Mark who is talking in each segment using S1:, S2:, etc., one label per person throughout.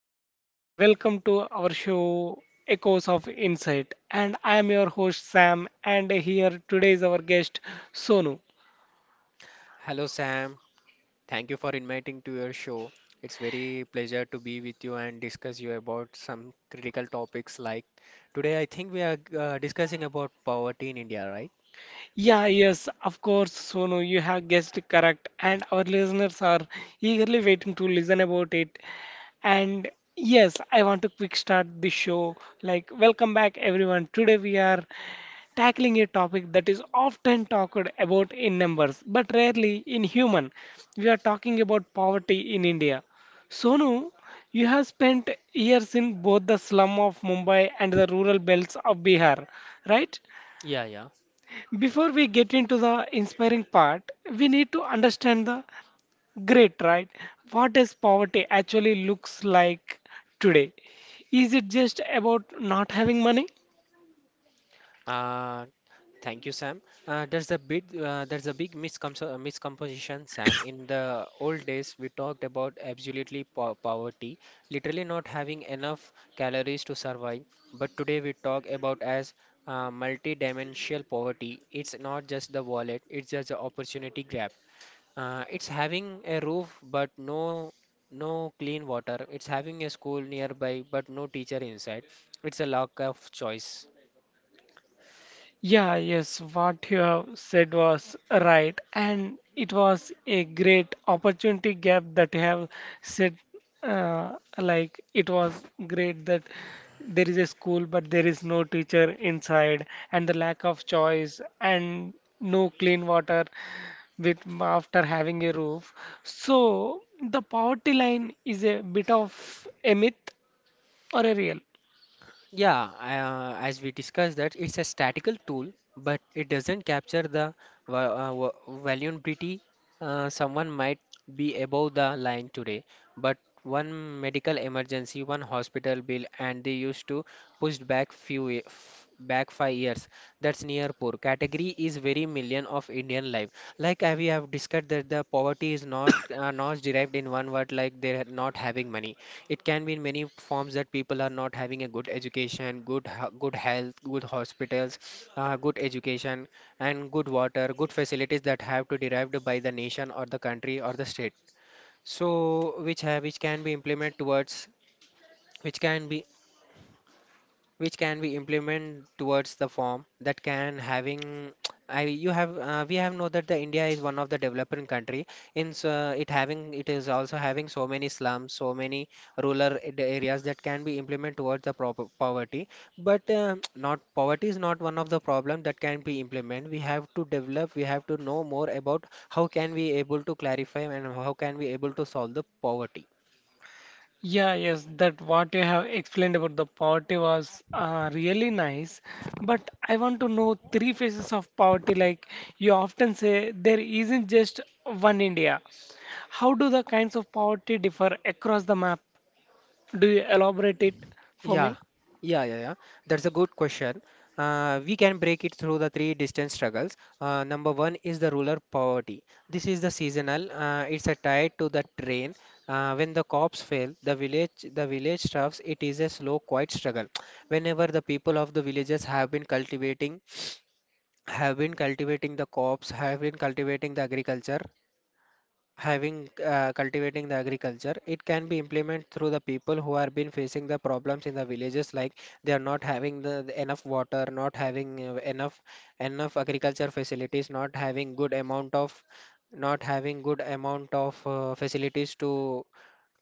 S1: all? Welcome to our show Echoes of Insight. And I am your host Sam, and here today is our guest Sonu.
S2: Hello Sam, thank you for inviting to your show. It's very pleasure to be with you and discuss you about some critical topics like today I think we are discussing about poverty in India, right?
S1: Yeah, yes, of course, Sonu, you have guessed correct, and our listeners are eagerly waiting to listen about it. And yes, I want to quick start the show. Like, welcome back everyone. Today we are tackling a topic that is often talked about in numbers but rarely in human. We are talking about poverty in India. Sonu, you have spent years in both the slum of Mumbai and the rural belts of Bihar, right?
S2: Yeah, yeah.
S1: Before we get into the inspiring part, we need to understand the great, right? What does poverty actually looks like today? Is it just about not having money?
S2: Uh, Thank you, Sam. There's a big miscomposition, Sam. In the old days, we talked about absolutely po poverty, literally not having enough calories to survive. But today we talk about as multi-dimensional poverty. It's not just the wallet; it's just the opportunity grab. It's having a roof but no clean water. It's having a school nearby but no teacher inside. It's a lack of choice.
S1: Yeah, yes, what you have said was right, and it was a great opportunity gap that you have said. Like it was great that there is a school, but there is no teacher inside, and the lack of choice, and no clean water with after having a roof. So the poverty line is a bit of a myth or a real?
S2: Yeah, as we discussed that it's a statical tool, but it doesn't capture the vulnerability. Someone might be above the line today. But one medical emergency, one hospital bill, and they used to push back back 5 years. That's near poor. Category is very million of Indian life. Like we have discussed that the poverty is not not derived in one word, like they're not having money. It can be in many forms that people are not having a good education, good health, good hospitals, good education, and good water, good facilities that have to derived by the nation or the country or the state. So which can be implemented towards which can be which can be implemented towards the form that can having. I you have We have know that the India is one of the developing country it having it is also having so many slums, so many the areas that can be implemented towards the proper poverty. But not poverty is not one of the problem that can be implemented. We have to develop, we have to know more about how can we able to clarify and how can we able to solve the poverty.
S1: Yeah, yes, that what you have explained about the poverty was really nice. But I want to know three phases of poverty. Like you often say, there isn't just one India. How do the kinds of poverty differ across the map? Do you elaborate it for
S2: Yeah,
S1: me?
S2: yeah. That's a good question. We can break it through the three distinct struggles. Number one is the rural poverty. This is the seasonal. It's a tied to the train. When the crops fail, the village troughs. It is a slow, quiet struggle. Whenever the people of the villages have been cultivating the crops, have been cultivating the agriculture, having cultivating the agriculture, it can be implemented through the people who are been facing the problems in the villages like they are not having the enough water, not having enough agriculture facilities, not having good amount of not having good amount of facilities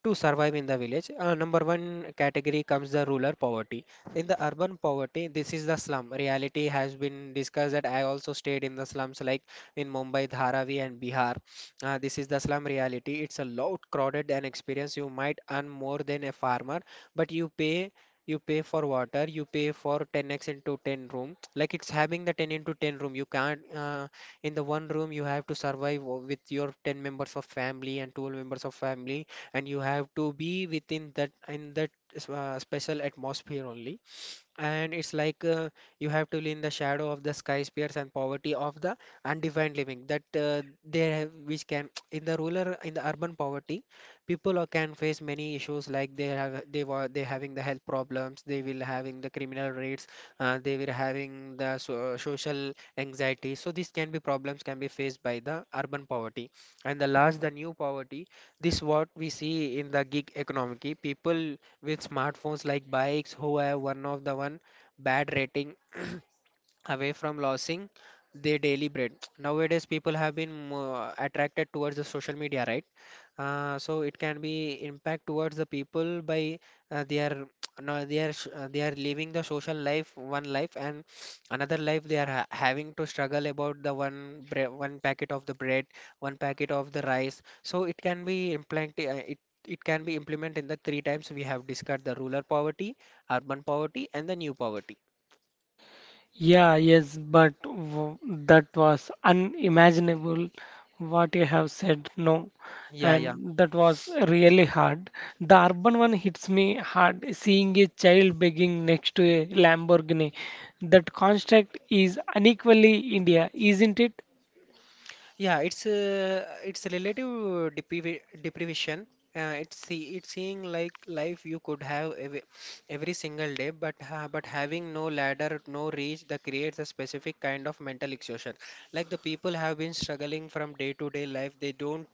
S2: to survive in the village. Number one category comes the rural poverty. In the urban poverty, this is the slum. Reality has been discussed that I also stayed in the slums like in Mumbai, Dharavi, and Bihar. This is the slum reality. It's a lot crowded and experience. You might earn more than a farmer, but you pay. You pay for water, you pay for 10x into 10 room. Like it's having the 10 into 10 room. You can't, in the one room, you have to survive with your 10 members of family and 12 members of family, and you have to be within that in that special atmosphere only. And it's like you have to live in the shadow of the skyscrapers and poverty of the undefined living that they have, which can, in the rural in the urban poverty, people are, can face many issues like they having the health problems, they will having the criminal rates, they were having the social anxiety. So these can be problems can be faced by the urban poverty. And the last, the new poverty, this what we see in the gig economy. People with smartphones like bikes who have one of the one bad rating away from losing their daily bread. Nowadays, people have been more attracted towards the social media, right? So it can be impact towards the people by they are, no, they are living the social life one life, and another life they are ha having to struggle about the one packet of the bread, one packet of the rice. So it can be implant it it can be implemented in the three times. We have discussed the rural poverty, urban poverty, and the new poverty.
S1: Yeah, yes, but w that was unimaginable what you have said, no,
S2: Yeah, yeah.
S1: and that was really hard. The urban one hits me hard, seeing a child begging next to a Lamborghini. That construct is unequally India, isn't it?
S2: Yeah, it's relative deprivi deprivation. It's seeing like life you could have ev every single day, but ha but having no ladder, no reach, that creates a specific kind of mental exhaustion. Like the people have been struggling from day to day life,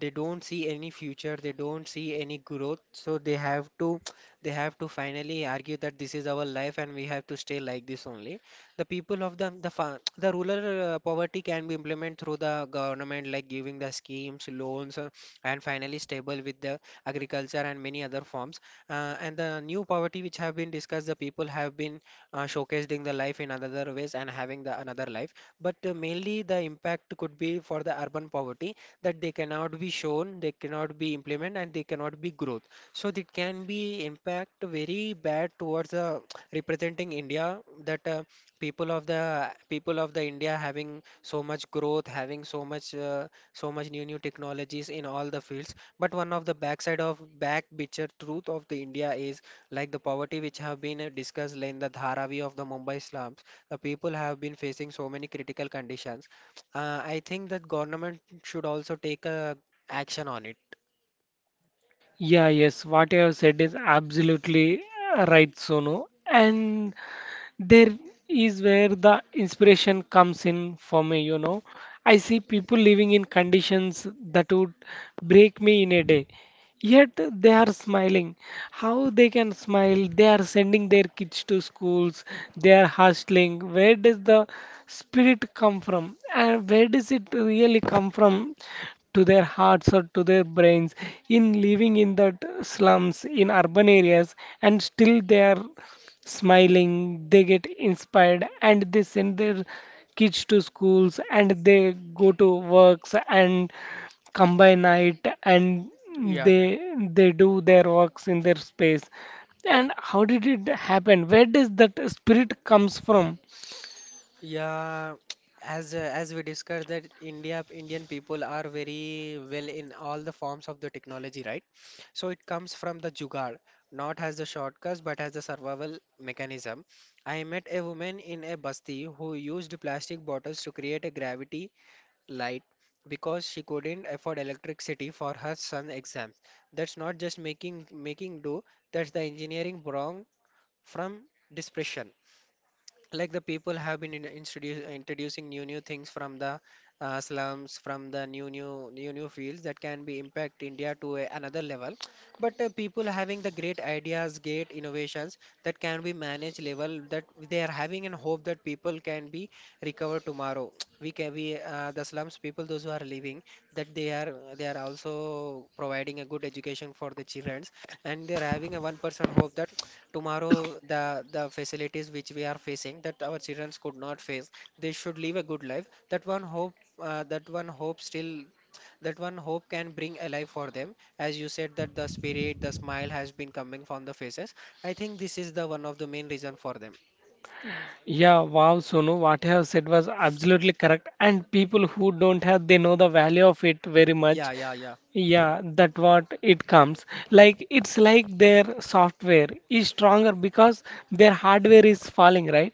S2: they don't see any future, they don't see any growth, so they have to finally argue that this is our life and we have to stay like this only. The people of the the fa the rural poverty can be implemented through the government like giving the schemes loans, and finally stable with the agriculture and many other forms. And the new poverty which have been discussed, the people have been showcased in the life in other ways and having the another life. But mainly the impact could be for the urban poverty, that they cannot be shown, they cannot be implemented, and they cannot be growth. So it can be impact very bad towards representing India, that people of the India having so much growth, having so much new new technologies in all the fields. But one of the backside of back picture truth of the India is like the poverty which have been discussed in the Dharavi of the Mumbai slums. The people have been facing so many critical conditions. I think that government should also take a action on it.
S1: Yeah, yes, what you have said is absolutely right, Sonu. And there is where the inspiration comes in for me. I see people living in conditions that would break me in a day, yet they are smiling. How they can smile? They are sending their kids to schools, they are hustling. Where does the spirit come from, and where does it really come from? To their hearts or to their brains? In living in that slums in urban areas, and still they are smiling, they get inspired and they send their kids to schools and they go to works and come by night and
S2: Yeah,
S1: they
S2: yeah.
S1: they do their works in their space. And how did it happen? Where does that spirit comes from?
S2: Yeah, as we discussed that Indian people are very well in all the forms of the technology, right? So it comes from the jugaad, not as the shortcuts but as a survival mechanism. I met a woman in a basti who used plastic bottles to create a gravity light because she couldn't afford electricity for her son's exams. That's not just making do, that's the engineering wrong from depression. Like the people have been introducing new things from the slums, from the new fields that can be impact india to another level. But people having the great ideas, great innovations that can be managed level that they are having, and hope that people can be recovered tomorrow. we can we The slums people those who are living, that they are also providing a good education for the children, and they're having a 1% hope that tomorrow the facilities which we are facing that our children could not face, they should live a good life. That one hope, that one hope still, that one hope can bring alive for them, as you said that the spirit, the smile has been coming from the faces. I think this is the one of the main reason for them.
S1: Yeah, wow, Sonu, what you have said was absolutely correct. And people who don't have, they know the value of it very much.
S2: Yeah.
S1: Yeah, that what it comes. Like it's like their software is stronger because their hardware is falling, right?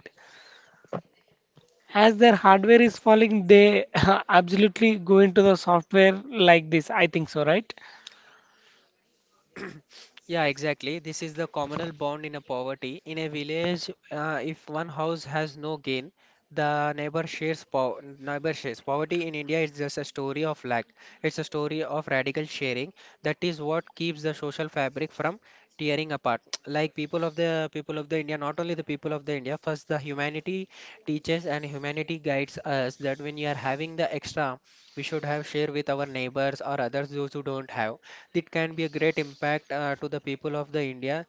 S1: As their hardware is falling, they absolutely go into the software like this. I think so, right?
S2: Yeah, exactly. This is the communal bond in a poverty. In a village, if one house has no gain, the neighbor shares po neighbor shares. Poverty in India is just a story of lack. It's a story of radical sharing. That is what keeps the social fabric from tearing apart. Like people of the India, not only the people of the India, first the humanity teaches and humanity guides us that when you are having the extra, we should have share with our neighbors or others those who don't have. It can be a great impact to the people of the India,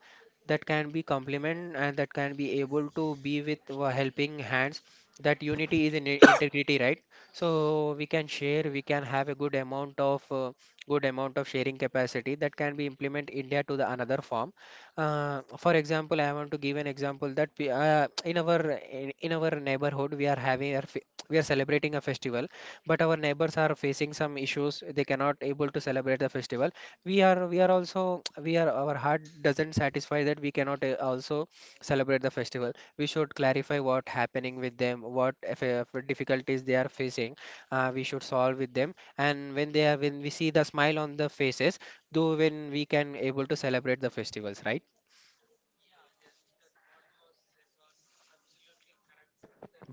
S2: that can be complement and that can be able to be with helping hands. That unity is in integrity, right? So we can share, we can have a good amount of sharing capacity that can be implement India to the another form. For example, I want to give an example that in in our neighborhood we are we are celebrating a festival, but our neighbors are facing some issues. They cannot able to celebrate the festival. We are also we are Our heart doesn't satisfy that we cannot also celebrate the festival. We should clarify what happening with them, what if, difficulties they are facing. We should solve with them, and when we see the smile on the faces, though when we can able to celebrate the festivals, right?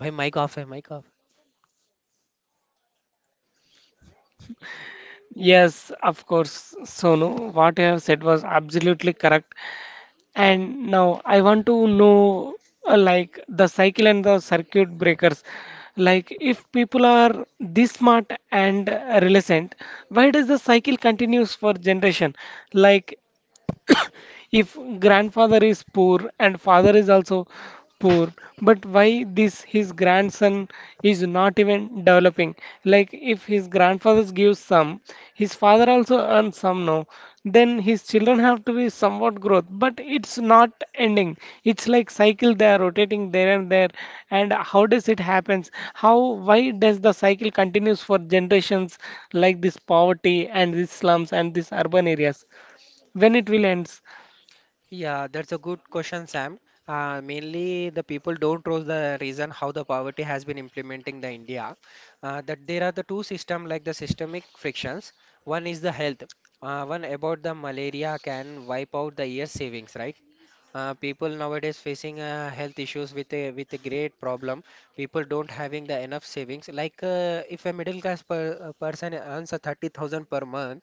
S2: By mic off hai mic off.
S1: Yes, of course. Sonu, what you have said was absolutely correct. And now I want to know like the cycle and the circuit breakers. Like if people are this smart and resilient, why does the cycle continues for generation? Like if grandfather is poor and father is also poor, but why this his grandson is not even developing? Like if his grandfather gives some, his father also earns some, no, then his children have to be somewhat growth, but it's not ending. It's like cycle, they are rotating there and there. And how does it happens? How? Why does the cycle continues for generations, like this poverty and these slums and these urban areas? When it will ends?
S2: Yeah, that's a good question, Sam. Mainly, the people don't trust the reason how the poverty has been implementing the India. That there are the two system, like the systemic frictions. One is the health. One about the malaria can wipe out the year's savings, right? People nowadays facing health issues with a great problem. People don't having the enough savings, like if a middle class person earns a 30,000 per month.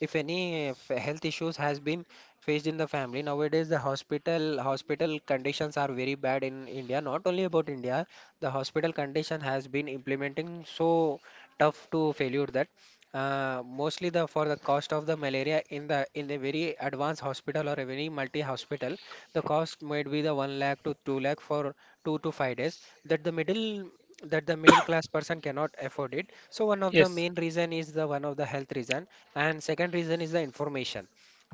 S2: If any health issues has been faced in the family, nowadays the hospital conditions are very bad in India. Not only about India, the hospital condition has been implementing so tough to failure that mostly the for the cost of the malaria in a very advanced hospital or a very multi hospital, the cost might be the 1 lakh to 2 lakh for 2 to 5 days. That the middle that the middle class person cannot afford it. So one of the
S1: Yes.
S2: main reason is the one of the health reason, and second reason is the information.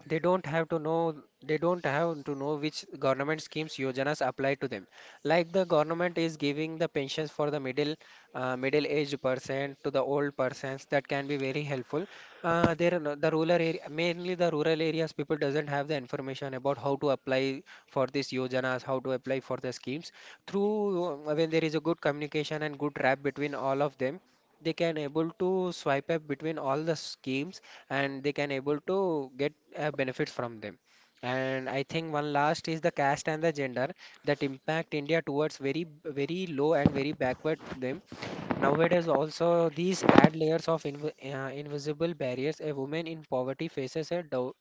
S2: They don't have to know they don't have to know which government schemes yojanas apply to them. Like the government is giving the pensions for the middle-aged person to the old persons, that can be very helpful. There are no- the rural area, mainly the rural areas, people doesn't have the information about how to apply for these yojanas, how to apply for the schemes. Through when there is a good communication and good rap between all of them, they can able to swipe up between all the schemes, and they can able to get benefits from them. And I think one last is the caste and the gender that impact India towards very very low and very backward them. Nowadays, also, these add layers of invisible barriers. A woman in poverty faces a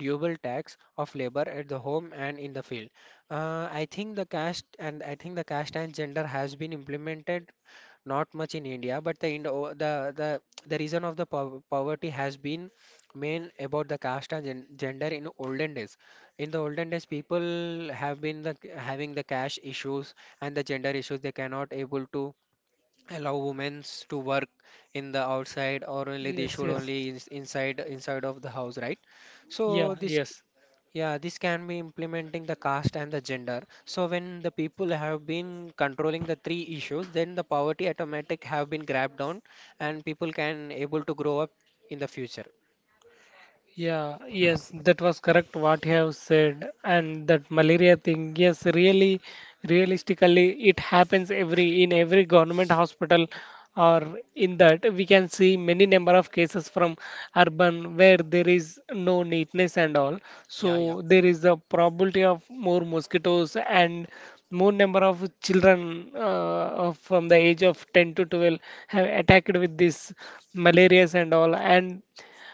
S2: double tax of labor at the home and in the field. I think the caste and gender has been implemented not much in India, but the reason of the po poverty has been main about the caste and gender in olden days. In the olden days, people have been the having the caste issues and the gender issues. They cannot able to allow women to work in the outside, or only they
S1: Yes,
S2: should
S1: yes.
S2: only inside of the house, right? so
S1: Yeah,
S2: this
S1: yes.
S2: Yeah, this can be implementing the caste and the gender. So when the people have been controlling the three issues, then the poverty automatic have been grabbed down and people can able to grow up in the future.
S1: Yeah, yes, that was correct what you have said. And that malaria thing, yes, really, realistically, it happens every in every government hospital or in that we can see many number of cases from urban where there is no neatness and all.
S2: Yeah, yeah.
S1: So there is a probability of more mosquitoes and more number of children from the age of 10 to 12 have attacked with this malaria and all. And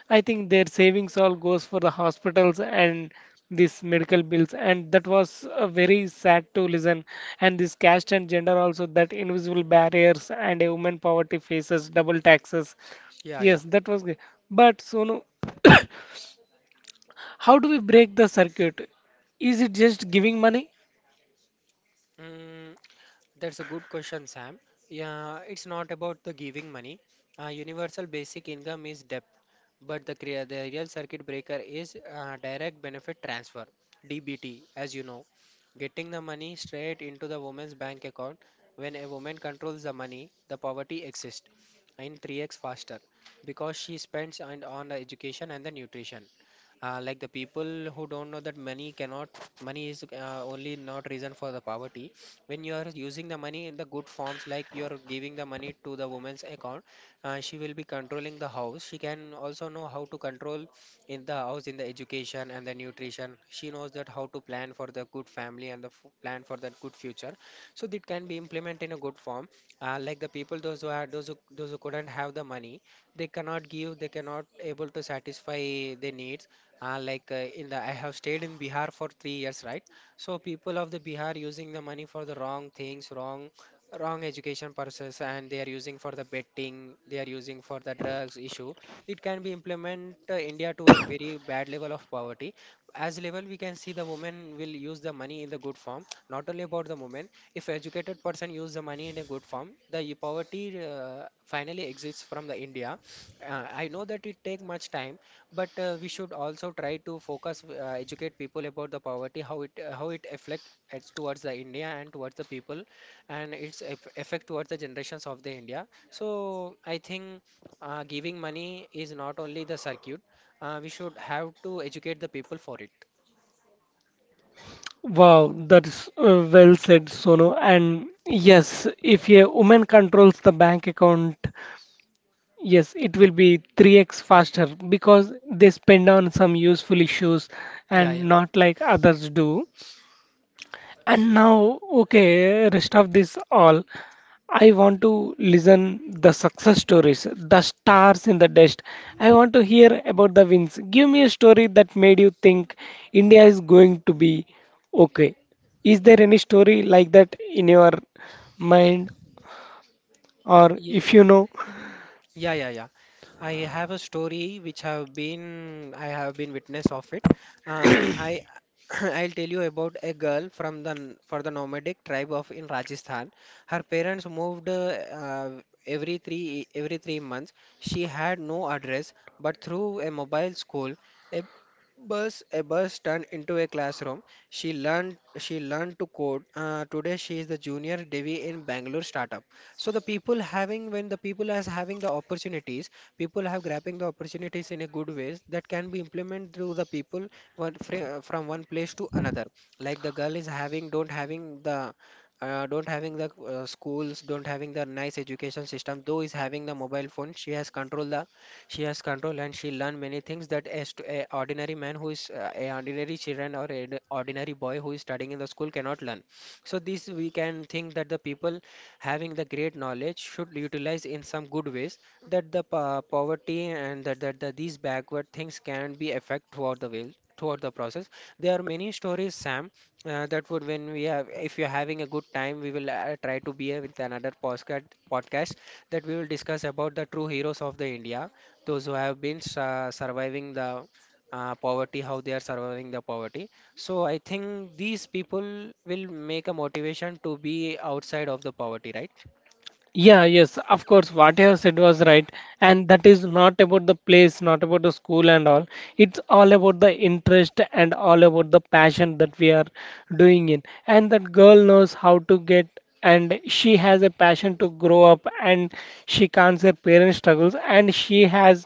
S1: I think their savings all goes for the hospitals and these medical bills, and that was very sad to listen. And this caste and gender also that invisible barriers and a woman poverty faces double taxes.
S2: Yeah, yeah.
S1: Yes, that was great. But Sonu, how do we break the circuit? Is it just giving money?
S2: Mm, that's a good question, Sam. Yeah, it's not about the giving money. Universal basic income is de but the, the real circuit breaker is direct benefit transfer, DBT, as you know, getting the money straight into the woman's bank account. When a woman controls the money, the poverty exists in 3x faster because she spends on the education and the nutrition. Like the people who don't know that money cannot, money is only not reason for the poverty. When you are using the money in the good forms, like you are giving the money to the woman's account, she will be controlling the house. She can also know how to control in the house, in the education and the nutrition. She knows that how to plan for the good family and plan for that good future, so that can be implemented in a good form. The people those who are those who couldn't have the money, they cannot able to satisfy their needs. Like in the I have stayed in Bihar for 3 years, right? So people of the Bihar using the money for the wrong things, wrong education purposes, and they are using for the betting, they are using for the drugs issue. It can be implement India to a very bad level of poverty. As level we can see, the women will use the money in the good form. Not only about the women, if educated person use the money in a good form, poverty finally exists from the India. I know that it take much time, but we should also try to focus educate people about the poverty, how it affect it's towards the India and towards the people, and its effect towards the generations of the India. So I think giving money is not only the circuit. We should have to educate the people for it.
S1: Wow, that's well said, Sonu. And yes, if a woman controls the bank account, yes, it will be 3x faster because they spend on some useful issues and
S2: Yeah,
S1: not like others do. And now, okay, rest of this all, I want to listen the success stories, the stars in the dust. I want to hear about the wins. Give me a story that made you think India is going to be okay. Is there any story like that in your mind, or
S2: yeah.
S1: if you know?
S2: Yeah, yeah, yeah. I have a story which have been I have been witness of it. I I'll tell you about a girl from the n- for the nomadic tribe of in Rajasthan. Her parents moved every 3 months. She had no address, but through a mobile school, a a bus turned into a classroom. She learned to code. Today she is the junior Devi in Bangalore startup. So the people having when the people as having the opportunities, people have grabbing the opportunities in a good ways that can be implemented through the people from one place to another. Like the girl is having don't having the schools, don't having the nice education system. Though is having the mobile phone, she has control and she learn many things that as to a ordinary man who is a ordinary children or ordinary boy who is studying in the school cannot learn. So this we can think that the people having the great knowledge should utilize in some good ways, that poverty and that these backward things can be affect throughout the way throughout the process. There are many stories, Sam. That would when we have, if you're having a good time, we will try to be with another podcast, that we will discuss about the true heroes of the India, those who have been surviving the poverty, how they are surviving the poverty. So I think these people will make a motivation to be outside of the poverty, right?
S1: Yeah, yes, of course, what you have said was right. And that is not about the place, not about the school and all. It's all about the interest and all about the passion that we are doing in. And that girl knows how to get, and she has a passion to grow up, and she can't her parents' struggles, and she has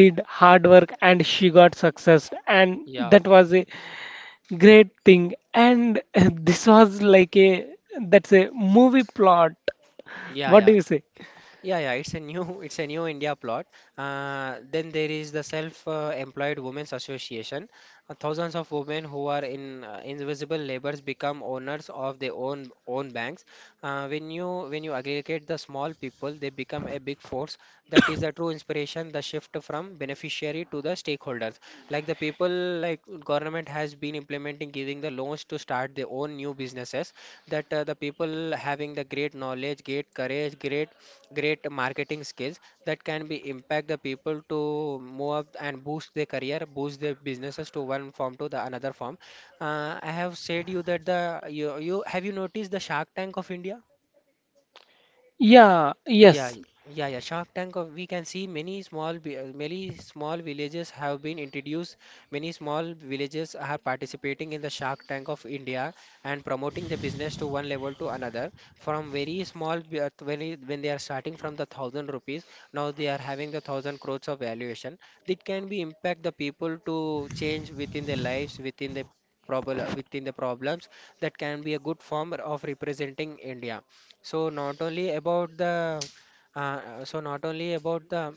S1: did hard work and she got success and
S2: Yeah,
S1: that was a great thing and this was like a that's a movie plot,
S2: yeah,
S1: what do
S2: yeah.
S1: you say?
S2: Yeah, yeah, it's a new it's a new India plot. Then there is the Self-Employed Women's Association. Thousands of women who are in invisible labors become owners of their own banks. When you aggregate the small people, they become a big force. That is the true inspiration, the shift from beneficiary to the stakeholders. Like the people, like government has been implementing giving the loans to start their own new businesses. That the people having the great knowledge, great courage, great marketing skills that can be impact the people to move up and boost their career, boost their businesses to one form to the another form. I have said you that the you, you have you noticed the Shark Tank of India?
S1: Yeah,
S2: Yeah,
S1: yes.
S2: yeah, yeah. Shark Tank, we can see many many small villages have been introduced. Many small villages are participating in the Shark Tank of India and promoting the business to one level to another. From very small, when they are starting from the thousand rupees, now they are having the thousand crores of valuation. It can be impact the people to change within their lives, within the within the problems. That can be a good form of representing India. So not only about the so not only about the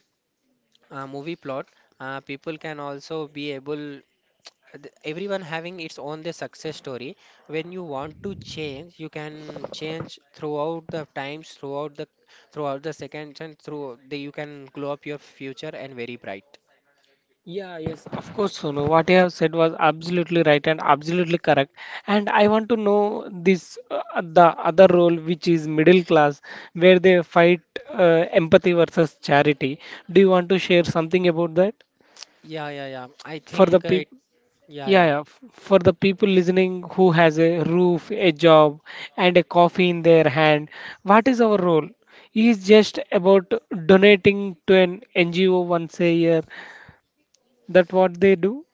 S2: movie plot, people can also be able, everyone having its own the success story. When you want to change, you can change throughout the times, throughout the seconds, and through the you can glow up your future and very bright.
S1: Yeah, yes, of course, Sonu. What you have said was absolutely right and absolutely correct. And I want to know this the other role, which is middle class, where they fight empathy versus charity. Do you want to share something about that
S2: Yeah, yeah, yeah. I
S1: for the
S2: think it.
S1: people?
S2: Yeah,
S1: Yeah,
S2: yeah.
S1: yeah, for the people listening who has a roof, a job, and a coffee in their hand, what is our role? Is just about donating to an NGO once a year? That what they do?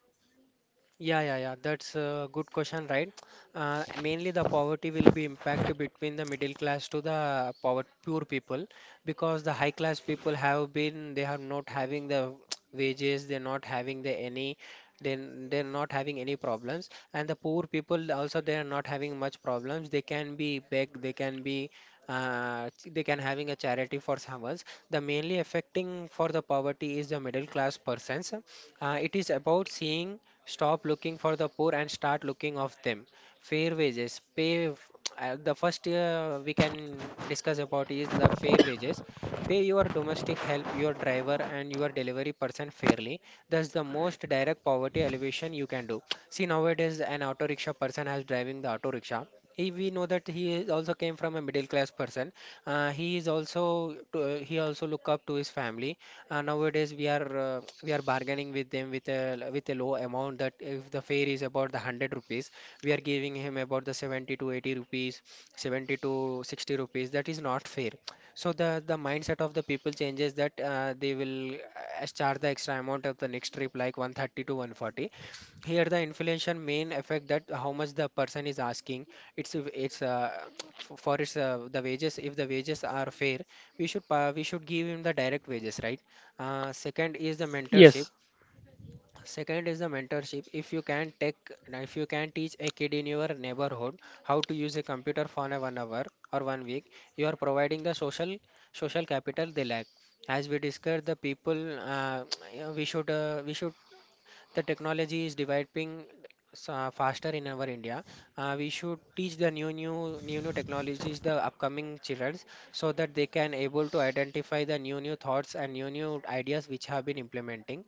S2: Yeah, yeah, yeah. That's a good question, right? Mainly the poverty will be impact between the middle class to the power poor people because the high class people have been they are not having the wages, they're not having the any then they're not having any problems, and the poor people also they are not having much problems. They can be beg, they can be they can having a charity for someone. The mainly affecting for the poverty is the middle class persons. It is about seeing, stop looking for the poor and start looking of them. Fair wages, pay. The first we can discuss about is the fair wages. Pay your domestic help, your driver, and your delivery person fairly. That's the most direct poverty elevation you can do. See, nowadays an auto rickshaw person has driving the auto rickshaw. He, we know that he is also came from a middle class person. He is also to, he also look up to his family. Nowadays we are bargaining with them with a low amount that if the fare is about the 100 rupees, we are giving him about the 70 to 80 rupees, 70 to 60 rupees. That is not fair. So the mindset of the people changes that they will charge the extra amount of the next trip like 130 to 140. Here the inflation main effect that how much the person is asking. it's it's uh, for its the wages, if the wages are fair, we should pa we should give him the direct wages, right? Second is the mentorship.
S1: Yes.
S2: Second is the mentorship. If you can take, if you can teach a kid in your neighborhood how to use a computer for a 1 hour or 1 week, you are providing the social social capital they lack. As we discussed, the people yeah, we should the technology is developing faster in our India. We should teach the new technologies the upcoming children, so that they can able to identify the new thoughts and new ideas which have been implementing.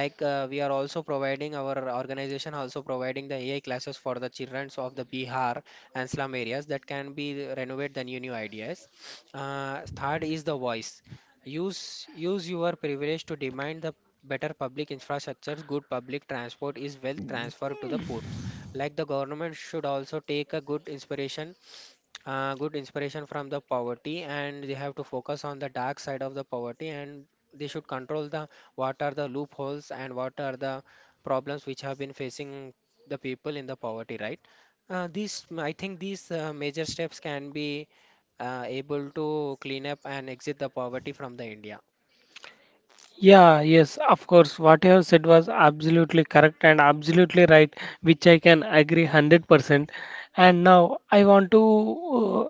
S2: Like we are also providing our organization also providing the AI classes for the children of the Bihar and slum areas that can be renovate the new ideas. Third is the voice. Use your privilege to demand the better public infrastructures. Good public transport is wealth transfer to the poor. Like the government should also take a good inspiration, good inspiration from the poverty, and they have to focus on the dark side of the poverty, and they should control the what are the loopholes and what are the problems which have been facing the people in the poverty, right? Uh, these I think these uh, major steps can be able to clean up and exit the poverty from the India.
S1: Yeah, yes, of course. What you have said was absolutely correct and absolutely right, which I can agree 100%. And now I want to,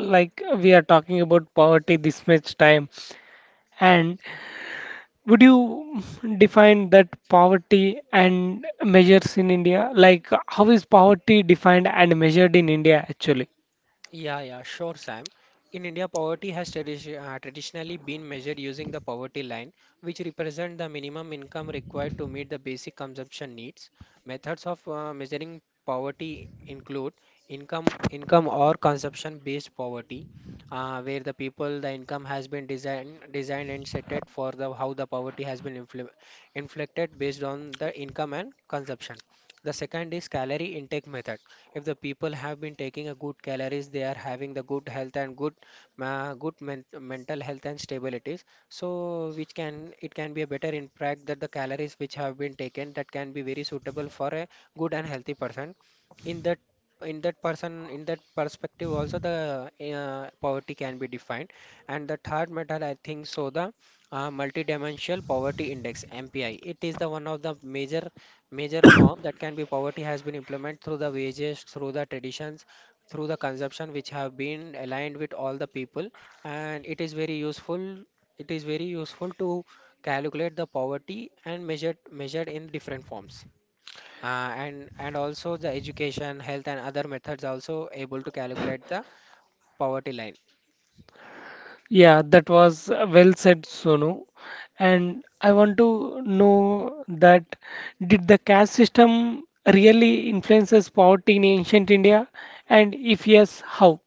S1: like, we are talking about poverty this much time. And would you define that poverty and measures in India? Like, how is poverty defined and measured in India actually?
S2: Yeah, yeah, sure, Sam. In India, poverty has traditionally been measured using the poverty line, which represents the minimum income required to meet the basic consumption needs. Methods of measuring poverty include income, income or consumption-based poverty, where the people, the income has been designed, designed and set it for the how the poverty has been inflicted based on the income and consumption. The second is calorie intake method. If the people have been taking a good calories, they are having the good health and good ma- good men- mental health and stabilities, so which can it can be a better impact that the calories which have been taken that can be very suitable for a good and healthy person. In that in that person, in that perspective also the poverty can be defined. And the third metal I think so the multidimensional poverty index, MPI, it is the one of the major, major form that can be poverty has been implemented through the wages, through the traditions, through the consumption which have been aligned with all the people. And it is very useful, it is very useful to calculate the poverty and measured, measured in different forms. And also the education, health and other methods also able to calculate the poverty line.
S1: Yeah, that was well said, Sonu. And I want to know that did the caste system really influences poverty in ancient India? And if yes, how?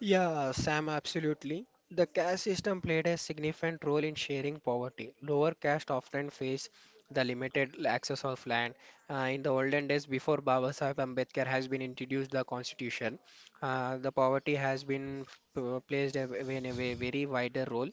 S2: Yeah, Sam, absolutely. The caste system played a significant role in sharing poverty. Lower caste often face the limited access of land. In the olden days, before Baba Sahib Ambedkar has been introduced the constitution, the poverty has been placed in a very wider role.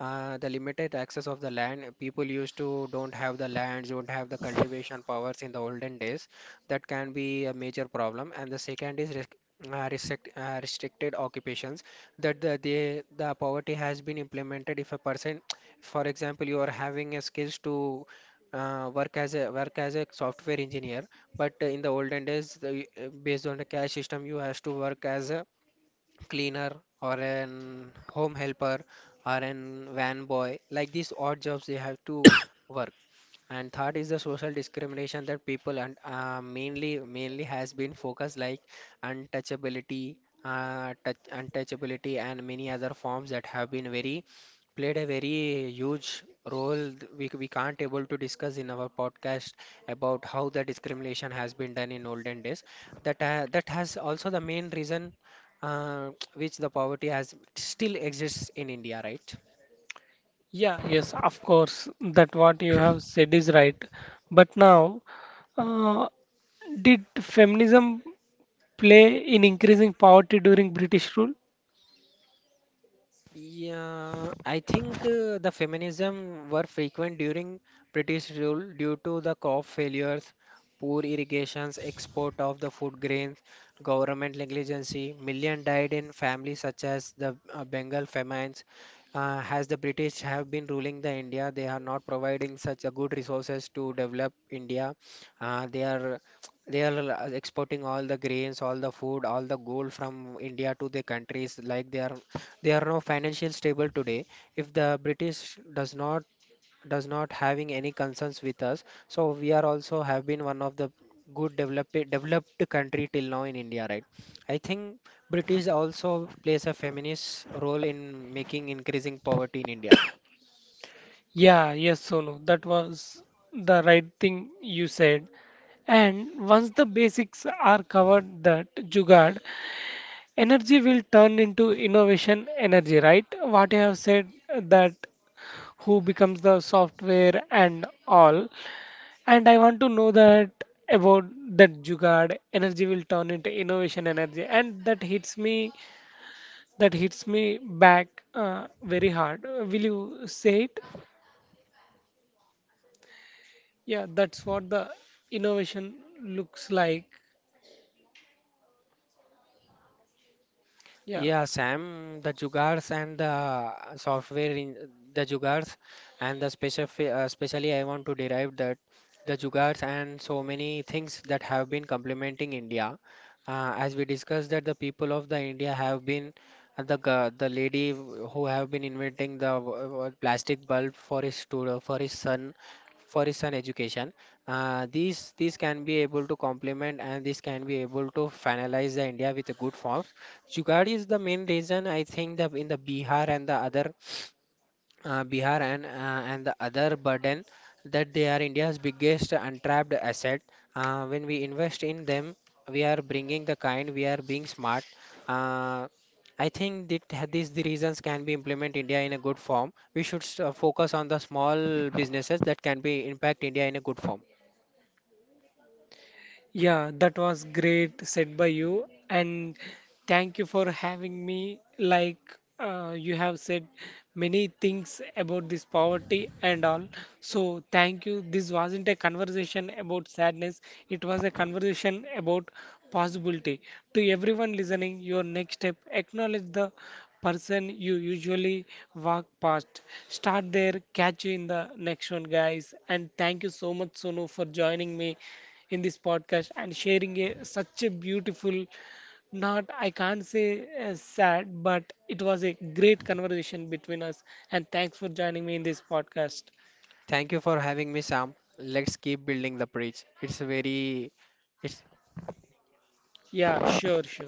S2: The limited access of the land, people used to don't have the lands, don't have the cultivation powers in the olden days. That can be a major problem. And the second is restricted occupations, that the, the poverty has been implemented if a person, for example, you are having a skills to work as a software engineer, but in the olden days the, based on the cash system you has to work as a cleaner or an home helper or an van boy, like these odd jobs they have to work. And third is the social discrimination, that people and mainly has been focused like untouchability, untouchability and many other forms that have been very played a very huge role. We, we can't able to discuss in our podcast about how the discrimination has been done in olden days. That has also the main reason which the poverty has still exists in India, right?
S1: Yeah, yes, of course, that what you have said is right. But now, uh, did feminism play in increasing poverty during British rule?
S2: Yeah, I think the feminism were frequent during British rule due to the crop failures, poor irrigations, export of the food grains, government negligence. Million died in families such as the Bengal famines. As the British have been ruling the India, they are not providing such a good resources to develop India. Uh, they are they are exporting all the grains, all the food, all the gold from India to the countries like they are, they are now financially stable today. If the British does not, does not having any concerns with us, so we are also have been one of the good developed, developed country till now in India, right? I think British also plays a feminist role in making increasing poverty in India.
S1: Yeah, yes, Sonu, that was the right thing you said. And once the basics are covered, that Jugad, energy will turn into innovation energy, right? What you have said that who becomes the software and all. And I want to know that about that Jugad, energy will turn into innovation energy. And that hits me back very hard. Will you say it? Yeah, that's what the innovation looks like. Yeah.
S2: Yeah, Sam, the jugars and the software in the jugars and the special, specially I want to derive that the jugars and so many things that have been complementing India. As we discussed that the people of the India have been the the lady who have been inventing the plastic bulb for his student for his son, for his son education. These can be able to complement and this can be able to finalize the India with a good form. Jugaad is the main reason I think that in the Bihar and the other, Bihar and the other burden, that they are India's biggest untapped asset. When we invest in them, we are bringing the kind, we are being smart. Uh, I think these the reasons can be implement India in a good form. We should focus on the small businesses that can be impact India in a good form.
S1: Yeah, that was great said by you, and thank you for having me. Like you have said, many things about this poverty and all. So, thank you. This wasn't a conversation about sadness, it was a conversation about possibility. To everyone listening, your next step acknowledge the person you usually walk past. Start there, catch you in the next one, guys. And thank you so much, Sonu, for joining me in this podcast and sharing a, such a beautiful not, I can't say sad, but it was a great conversation between us. And thanks for joining me in this podcast.
S2: Thank you for having me, Sam. Let's keep building the bridge. It's very it's
S1: Yeah, sure, sure.